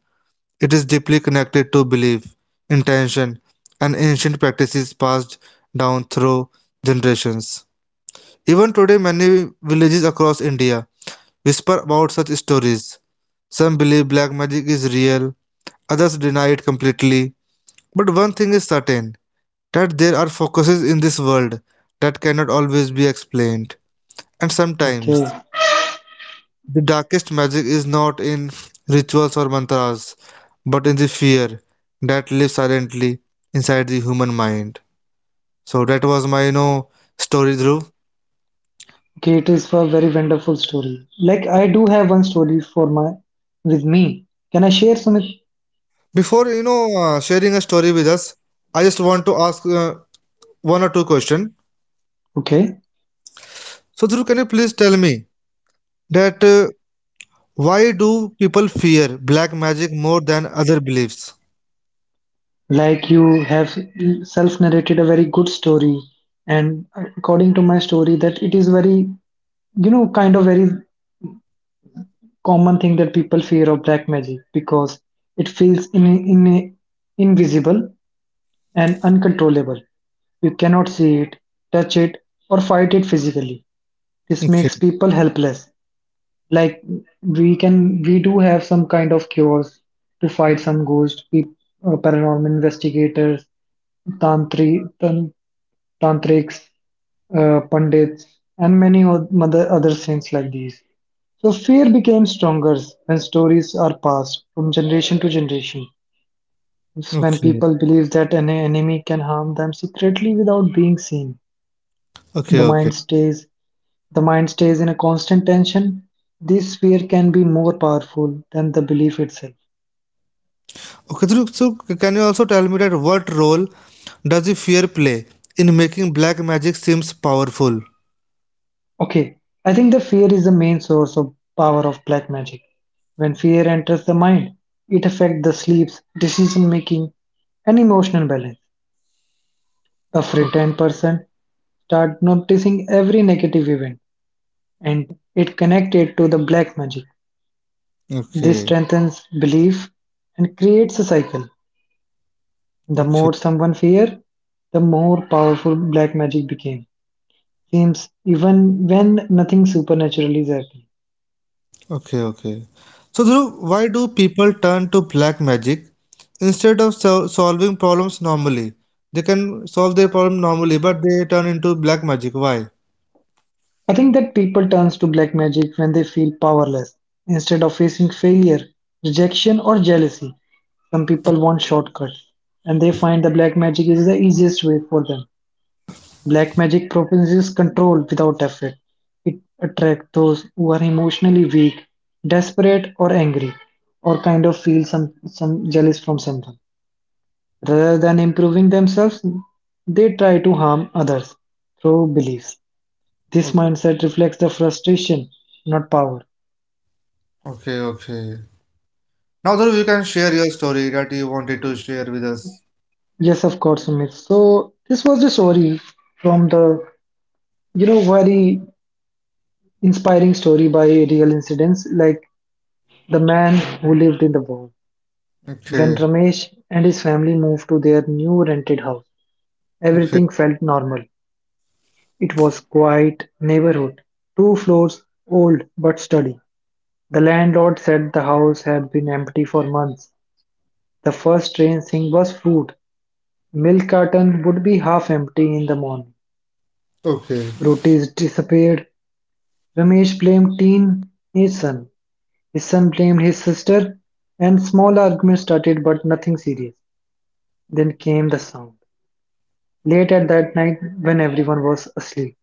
[SPEAKER 1] it is deeply connected to belief, intention, and ancient practices passed down through generations. Even today, many villages across India whisper about such stories. Some believe black magic is real, others deny it completely. But one thing is certain, that there are focuses in this world that cannot always be explained. And sometimes,
[SPEAKER 2] okay,
[SPEAKER 1] the darkest magic is not in rituals or mantras, but in the fear that lives silently inside the human mind. So that was my, story, Dhruv.
[SPEAKER 2] okay. It is a very wonderful story. Like I do have one story for my with me. Can I share, Sumit?
[SPEAKER 1] Before, sharing a story with us, I just want to ask one or two questions.
[SPEAKER 2] Okay.
[SPEAKER 1] So, Dhruv, can you please tell me that why do people fear black magic more than other beliefs?
[SPEAKER 2] Like you have self-narrated a very good story, and according to my story, that it is very, kind of very common thing that people fear of black magic because it feels in invisible and uncontrollable. You cannot see it, touch it, or fight it physically. This
[SPEAKER 1] Okay,
[SPEAKER 2] makes people helpless. Like we do have some kind of cures to fight some ghosts, paranormal investigators, tantri, tan, tantrics, pandits, and many other things like these. So fear became stronger when stories are passed from generation to generation. It's when
[SPEAKER 1] okay.
[SPEAKER 2] people believe that an enemy can harm them secretly without being seen.
[SPEAKER 1] Okay,
[SPEAKER 2] the
[SPEAKER 1] okay.
[SPEAKER 2] mind stays the mind stays in a constant tension. This fear can be more powerful than the belief itself.
[SPEAKER 1] Okay, Dhruv, so can you also tell me that what role does the fear play in making black magic seems powerful?
[SPEAKER 2] Okay. I think the fear is the main source of power of black magic. When fear enters the mind, it affects the sleeps, decision making, and emotional balance. A
[SPEAKER 1] O-
[SPEAKER 2] frightened person start noticing every negative event, and it connected to the black magic. This
[SPEAKER 1] Okay,
[SPEAKER 2] strengthens belief and creates a cycle. The
[SPEAKER 1] okay,
[SPEAKER 2] more someone feared, the more powerful black magic became. Seems even when nothing supernatural is happening.
[SPEAKER 1] okay, okay. So Dhruv, why do people turn to black magic instead of solving problems normally? They can solve their problem normally, but they turn into black magic. Why?
[SPEAKER 2] I think that people turns to black magic when they feel powerless instead of facing failure, rejection or jealousy. Some people want shortcuts and they find the black magic is the easiest way for them. Black magic proposes control without effort. It attracts those who are emotionally weak, desperate, or angry, or kind of feel some jealous from someone. Rather than improving themselves, they try to harm others through beliefs. This
[SPEAKER 1] O-
[SPEAKER 2] mindset reflects the frustration, not power.
[SPEAKER 1] Okay, okay. Now Dhruv, you can share your story that you wanted to share with us.
[SPEAKER 2] Yes, of course, Sumit. So this was the story from the, very inspiring story by real incidents like the man who lived in the wall. When
[SPEAKER 1] Okay,
[SPEAKER 2] Ramesh and his family moved to their new rented house,
[SPEAKER 1] okay,
[SPEAKER 2] everything felt normal. It was quiet neighborhood, two floors old but sturdy. The landlord said the house had been empty for months. The first strange thing was fruit. Milk carton would be half empty in the morning.
[SPEAKER 1] okay,
[SPEAKER 2] Rotis disappeared. Ramesh blamed teen his son. His son blamed his sister, and small arguments started, but nothing serious. Then came the sound. Late at that night, when everyone was asleep,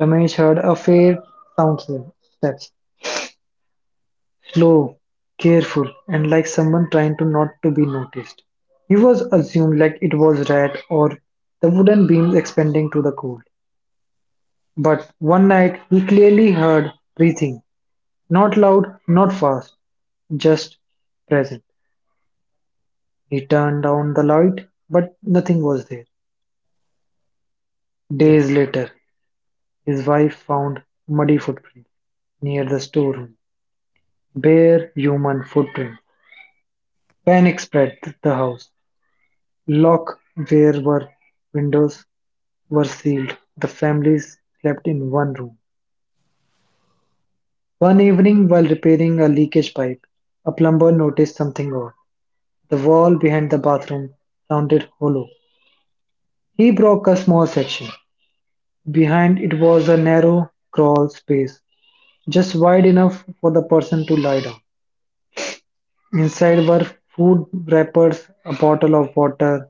[SPEAKER 2] Ramesh heard a faint sound of steps. Slow, careful, and like someone trying to not to be noticed. He was assumed like it was rat or the wooden beams expanding to the cold. But one night he clearly heard breathing, not loud, not fast, just present. He turned down the light, but nothing was there.
[SPEAKER 1] okay.
[SPEAKER 2] Days later, his wife found muddy footprints near the storeroom, bare human footprints. Panic spread the house. Lock where were windows were sealed; the families slept in one room. One evening, while repairing a leakage pipe, a plumber noticed something odd. The wall behind the bathroom sounded hollow. He broke a small section. Behind it was a narrow crawl space, just wide enough for the person to lie down. Inside were food wrappers, a bottle of water,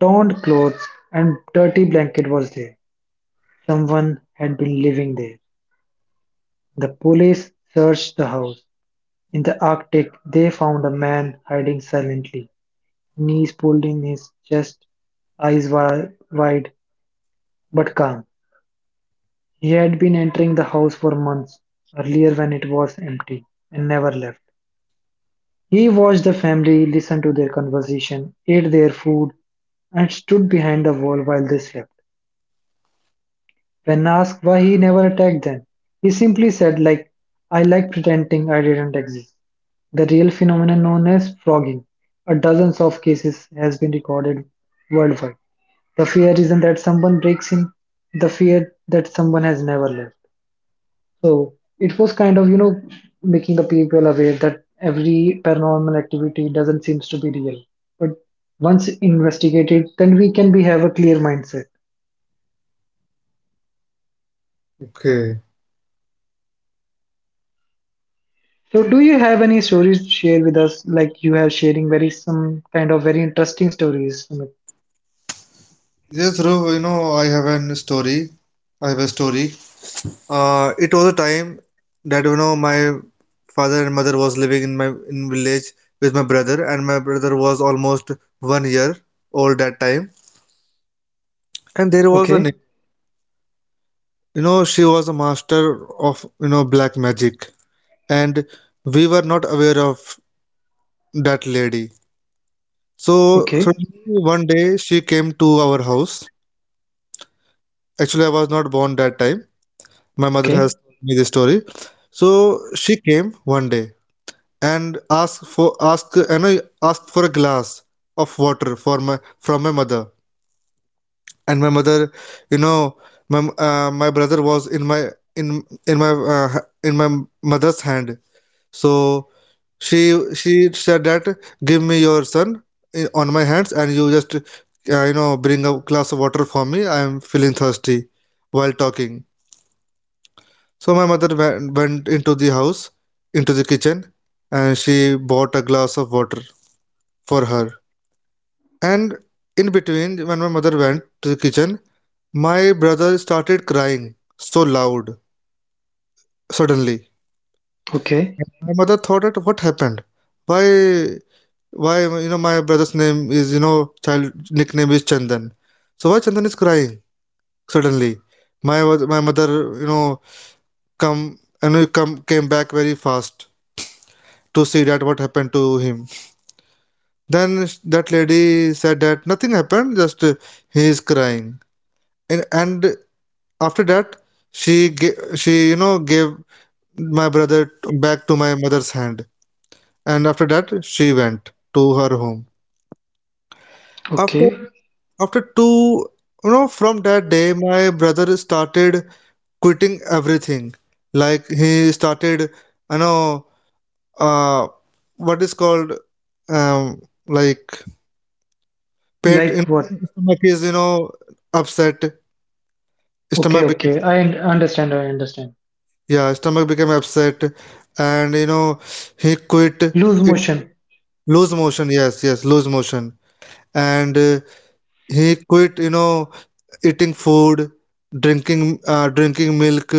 [SPEAKER 2] torn clothes, and dirty blanket was there. Someone had been living there. The police searched the house. In the Arctic, they found a man hiding silently, knees pulled in his chest, eyes wide but calm. He had been entering the house for months earlier when it was empty and never left. He watched the family, listened to their conversation, ate their food, and stood behind the wall while they slept. When asked why he never attacked them, he simply said like, I like pretending I didn't exist. The real phenomenon known as frogging, a dozens of cases has been recorded worldwide. The fear isn't that someone breaks in, the fear that someone has never left. So it was kind of, making the people aware that every paranormal activity doesn't seem to be real. But once investigated, then we can be have a clear mindset.
[SPEAKER 1] Okay.
[SPEAKER 2] So, do you have any stories to share with us? Like you have sharing very some kind of very interesting stories, Sumit.
[SPEAKER 1] Yes, Dhruv, you know, I have an story. I have a story. It was a time that you know my father and mother was living in my in village with my brother, and my brother was almost 1 year old that time. And there was a
[SPEAKER 2] Okay,
[SPEAKER 1] neighbor. You know, she was a master of you know black magic, and we were not aware of that lady. So
[SPEAKER 2] okay,
[SPEAKER 1] suddenly one day she came to our house. Actually, I was not born that time. My mother
[SPEAKER 2] okay,
[SPEAKER 1] has told me this story. So she came one day and asked for ask you know asked for a glass of water for my from my mother. And my mother, you know my my brother was in in my uh, in my mother's hand. So she she said that, give me your son on my hands, and you just bring a glass of water for me. I am feeling thirsty, while talking. So my mother went into the house, into the kitchen, and she bought a glass of water for her. And in between, when my mother went to the kitchen, my brother started crying so loud suddenly.
[SPEAKER 2] okay,
[SPEAKER 1] My mother thought that, what happened? Why, why, my brother's name is, child nickname is Chandan. So why Chandan is crying suddenly? My mother, you know come and you know, come came back very fast to see that what happened to him. Then that lady said that nothing happened, just he is crying. And after that, she gave, she you know gave my brother back to my mother's hand. And after that, she went to her home. After
[SPEAKER 2] okay.
[SPEAKER 1] after two, from that day, my brother started quitting everything. Like he started, you know, uh, what is called, um like pet in
[SPEAKER 2] Like what?
[SPEAKER 1] stomach is, you know, upset. Stomach
[SPEAKER 2] Okay,
[SPEAKER 1] became
[SPEAKER 2] okay. I understand. I understand.
[SPEAKER 1] Yeah, stomach became upset, and he quit it,
[SPEAKER 2] Loose motion.
[SPEAKER 1] lose motion. Yes, yes, lose motion, and he quit, you know, eating food, drinking milk,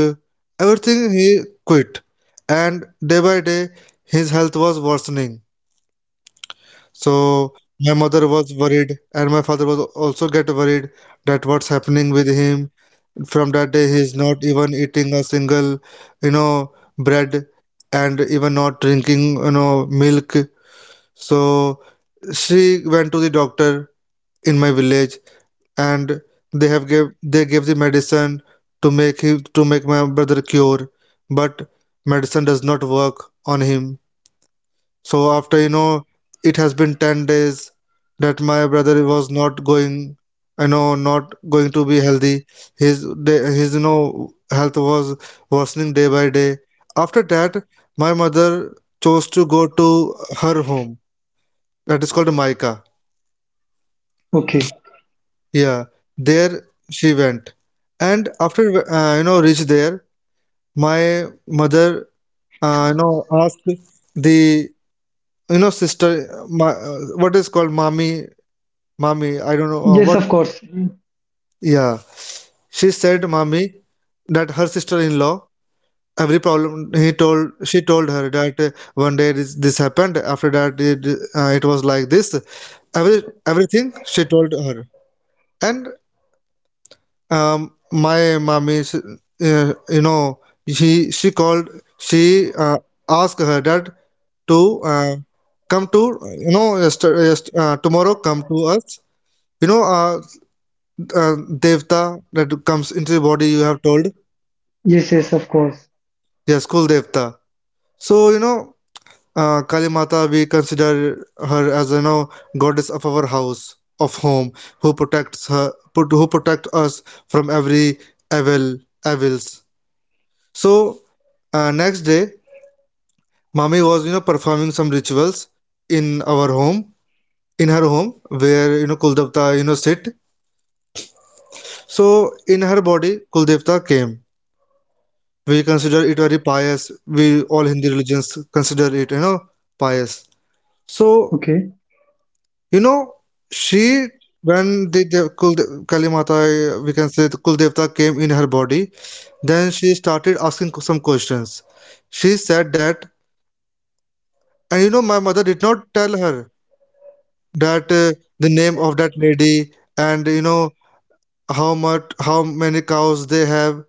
[SPEAKER 1] everything he quit, and day by day his health was worsening. So my mother was worried, and my father was also get worried that what's happening with him. From that day, he is not even eating a single, bread, and even not drinking, milk. So she went to the doctor in my village, and they gave the medicine to make him to make my brother cure, but medicine does not work on him. So it has been 10 days that my brother was not going, not going to be healthy. His health was worsening day by day. After that, my mother chose to go to her home that is called Maika.
[SPEAKER 2] Okay.
[SPEAKER 1] Yeah, there she went, and after, reached there. My mother, asked the, sister, my, what is called, mommy. Mommy, I don't know,
[SPEAKER 2] Yes,
[SPEAKER 1] what.
[SPEAKER 2] of course.
[SPEAKER 1] Yeah, she said, Mommy, that her sister-in-law, every problem he told, she told her that, one day this, this happened, after that it, it was like this. Every everything she told her. And my mommy, she, uh, you know called, she asked her that to, come to, tomorrow come to us, you know uh, uh, devta that comes into the body, you have told.
[SPEAKER 2] Yes, yes, of course.
[SPEAKER 1] Yes, Kul devta. So, you know, kali mata, we consider her as, you know, goddess of our house, of home, who who protect us from every evil evils. So, next day, mommy was, you know, performing some rituals in our home, in her home, where, you know, kuldevta, you know, sit. So in her body, kuldevta came. We consider it very pious. We all hindi religions consider it, you know, pious. So,
[SPEAKER 2] Okay,
[SPEAKER 1] you know she, when the Kul, kali mata, we can say the kul devta came in her body, then she started asking some questions. She said that, and you know, my mother did not tell her that, the name of that lady, and you know, how many cows they have,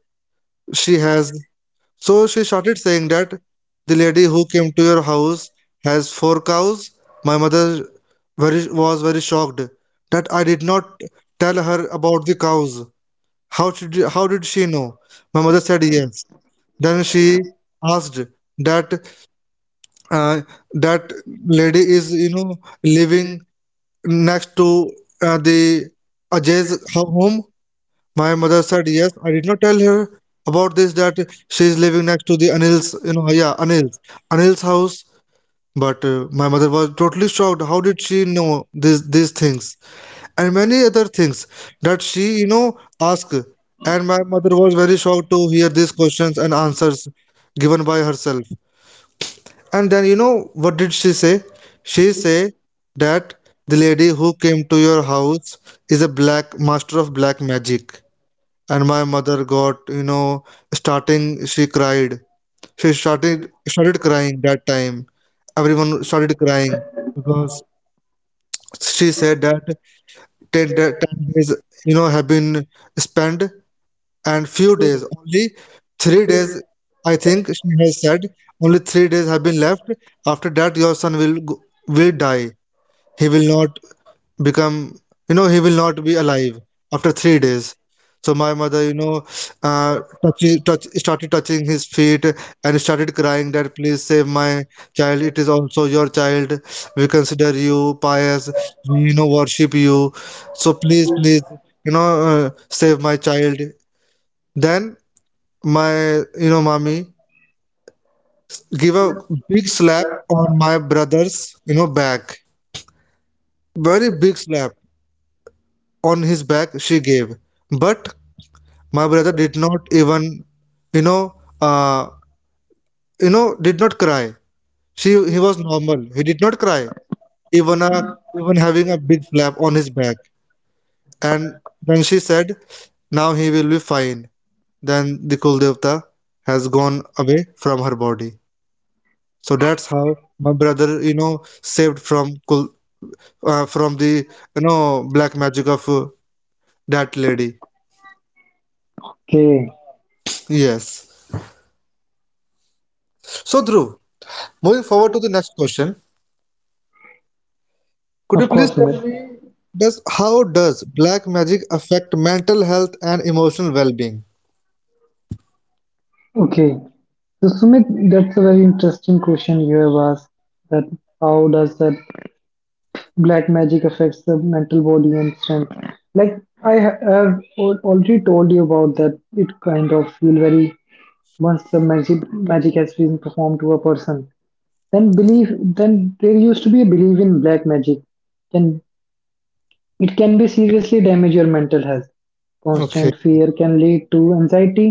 [SPEAKER 1] she has. So she started saying that the lady who came to your house has four cows. My mother, was very shocked that I did not tell her about the cows. How did she know? My mother said yes. Then she asked that, uh, that lady is, you know, living next to, the Ajay's home. My mother said yes. I did not tell her about this, that she is living next to the Anil's, you know, yeah, Anil's, Anil's house. But, my mother was totally shocked. How did she know this these things, and many other things that she, you know, asked? And my mother was very shocked to hear these questions and answers given by herself. And then, you know, what did she say? She say that the lady who came to your house is a black master of black magic. And my mother got, you know, starting she cried, she started crying that time. Everyone started crying because she said that, 10, 10 days, you know, have been spent, and few days only, 3 days, I think, she has said, only 3 days have been left. After that, your son will die. He will not become, you know, he will not be alive after 3 days. So my mother, you know, started touching his feet, and started crying that, please save my child. It is also your child. We consider you pious. We, you know, worship you. So please, please, you know, save my child. Then my, you know, mommy give a big slap on my brother's, you know, back, very big slap on his back she gave. But my brother did not even, you know, uh, did not cry. She, he was normal. He did not cry, even a, even having a big flap on his back. And then she said, Now he will be fine. Then the Kuldevta has gone away from her body. So that's how my brother, you know, saved from Kul, from the, you know, black magic of, that lady.
[SPEAKER 2] okay.
[SPEAKER 1] Yes. So, Dhruv, moving forward to the next question. Could you
[SPEAKER 2] Of
[SPEAKER 1] please
[SPEAKER 2] course,
[SPEAKER 1] tell
[SPEAKER 2] Sumit.
[SPEAKER 1] me, does how does black magic affect mental health and emotional well-being?
[SPEAKER 2] Okay. So, Sumit, that's a very interesting question you have asked. That how does that black magic affects the mental body and strength, like I have already told you about that. It kind of feel very once the magic has been performed to a person, then belief then there used to be a belief in black magic, can it can be seriously damage your mental health.
[SPEAKER 1] Okay,
[SPEAKER 2] Constant fear can lead to anxiety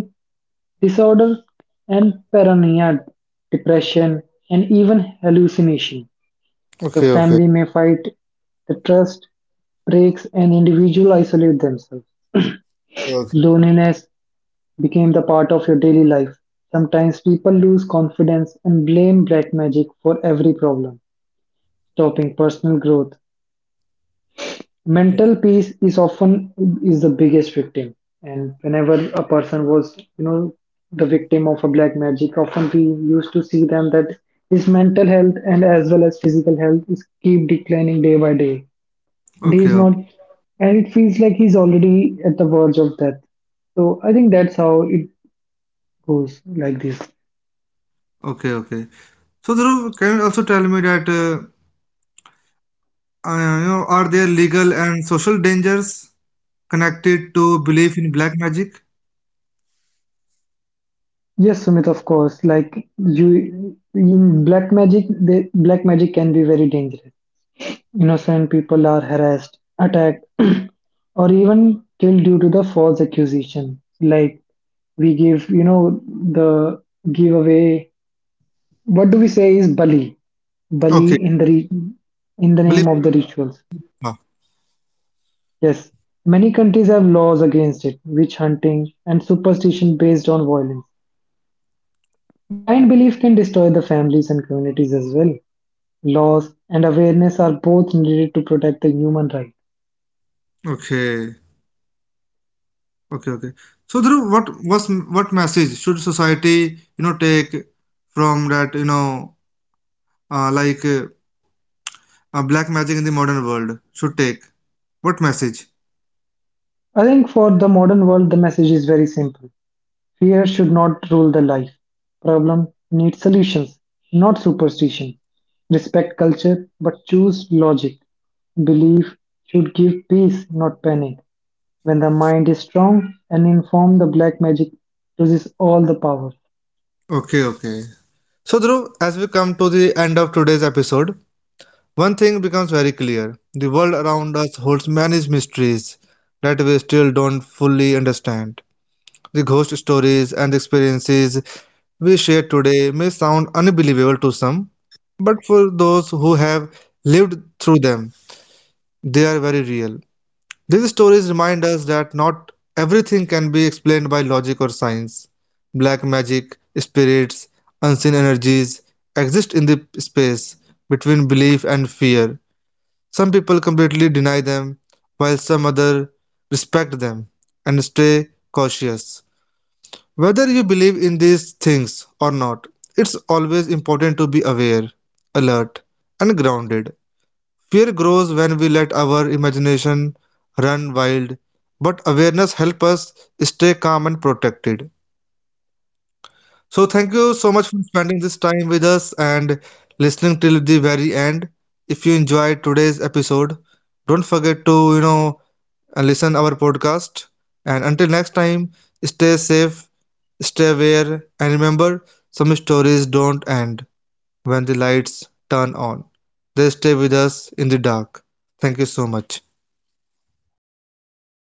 [SPEAKER 2] disorder and paranoia, depression, and even hallucination. The
[SPEAKER 1] okay, okay,
[SPEAKER 2] family may fight, the trust breaks and individuals isolate themselves.
[SPEAKER 1] okay,
[SPEAKER 2] Loneliness became the part of your daily life. Sometimes people lose confidence and blame black magic for every problem, stopping personal growth. Mental peace is often is the biggest victim. And whenever a person was, the victim of a black magic, often we used to see them that his mental health and as well as physical health is keep declining day by day.
[SPEAKER 1] okay,
[SPEAKER 2] He's not,
[SPEAKER 1] okay,
[SPEAKER 2] and it feels like he's already at the verge of death. So I think that's how it goes like this.
[SPEAKER 1] okay, okay. So, Dhruv, can you also tell me that, you know, are there legal and social dangers connected to belief in black magic?
[SPEAKER 2] Yes, Sumit, of course. Like you in black magic, the black magic can be very dangerous. Innocent people are harassed, attacked [clears throat] or even killed due to the false accusation. Like we give the giveaway, what do we say is bali, bali
[SPEAKER 1] Okay.
[SPEAKER 2] in the
[SPEAKER 1] Believe
[SPEAKER 2] name of
[SPEAKER 1] it.
[SPEAKER 2] the rituals. Yes, many countries have laws against it, witch hunting, and superstition based on violence. Blind belief can destroy the families and communities as well. Laws and awareness are both needed to protect the human right.
[SPEAKER 1] Okay, okay, okay. So, Dhruv, what message should society, you know, take from that, you know, uh, like uh, black magic in the modern world should take. What message?
[SPEAKER 2] I think for the modern world, the message is very simple. Fear should not rule the life. Problem needs solutions, not superstition. Respect culture, but choose logic. Belief should give peace, not panic. When the mind is strong and informed, the black magic loses all the power.
[SPEAKER 1] Okay, okay. So, Dhruv, as we come to the end of today's episode, one thing becomes very clear. The world around us holds many mysteries that we still don't fully understand. The ghost stories and experiences we share today may sound unbelievable to some, but for those who have lived through them, they are very real. These stories remind us that not everything can be explained by logic or science. Black magic, spirits, unseen energies exist in the space between belief and fear. Some people completely deny them, while some other respect them and stay cautious. Whether you believe in these things or not, it's always important to be aware, alert, and grounded. Fear grows when we let our imagination run wild, but awareness helps us stay calm and protected. So, thank you so much for spending this time with us and listening till the very end. If you enjoyed today's episode, don't forget to, you know, and listen our podcast. And until next time, stay safe, stay aware, and remember some stories don't end when the lights turn on. They stay with us in the dark. Thank you so much.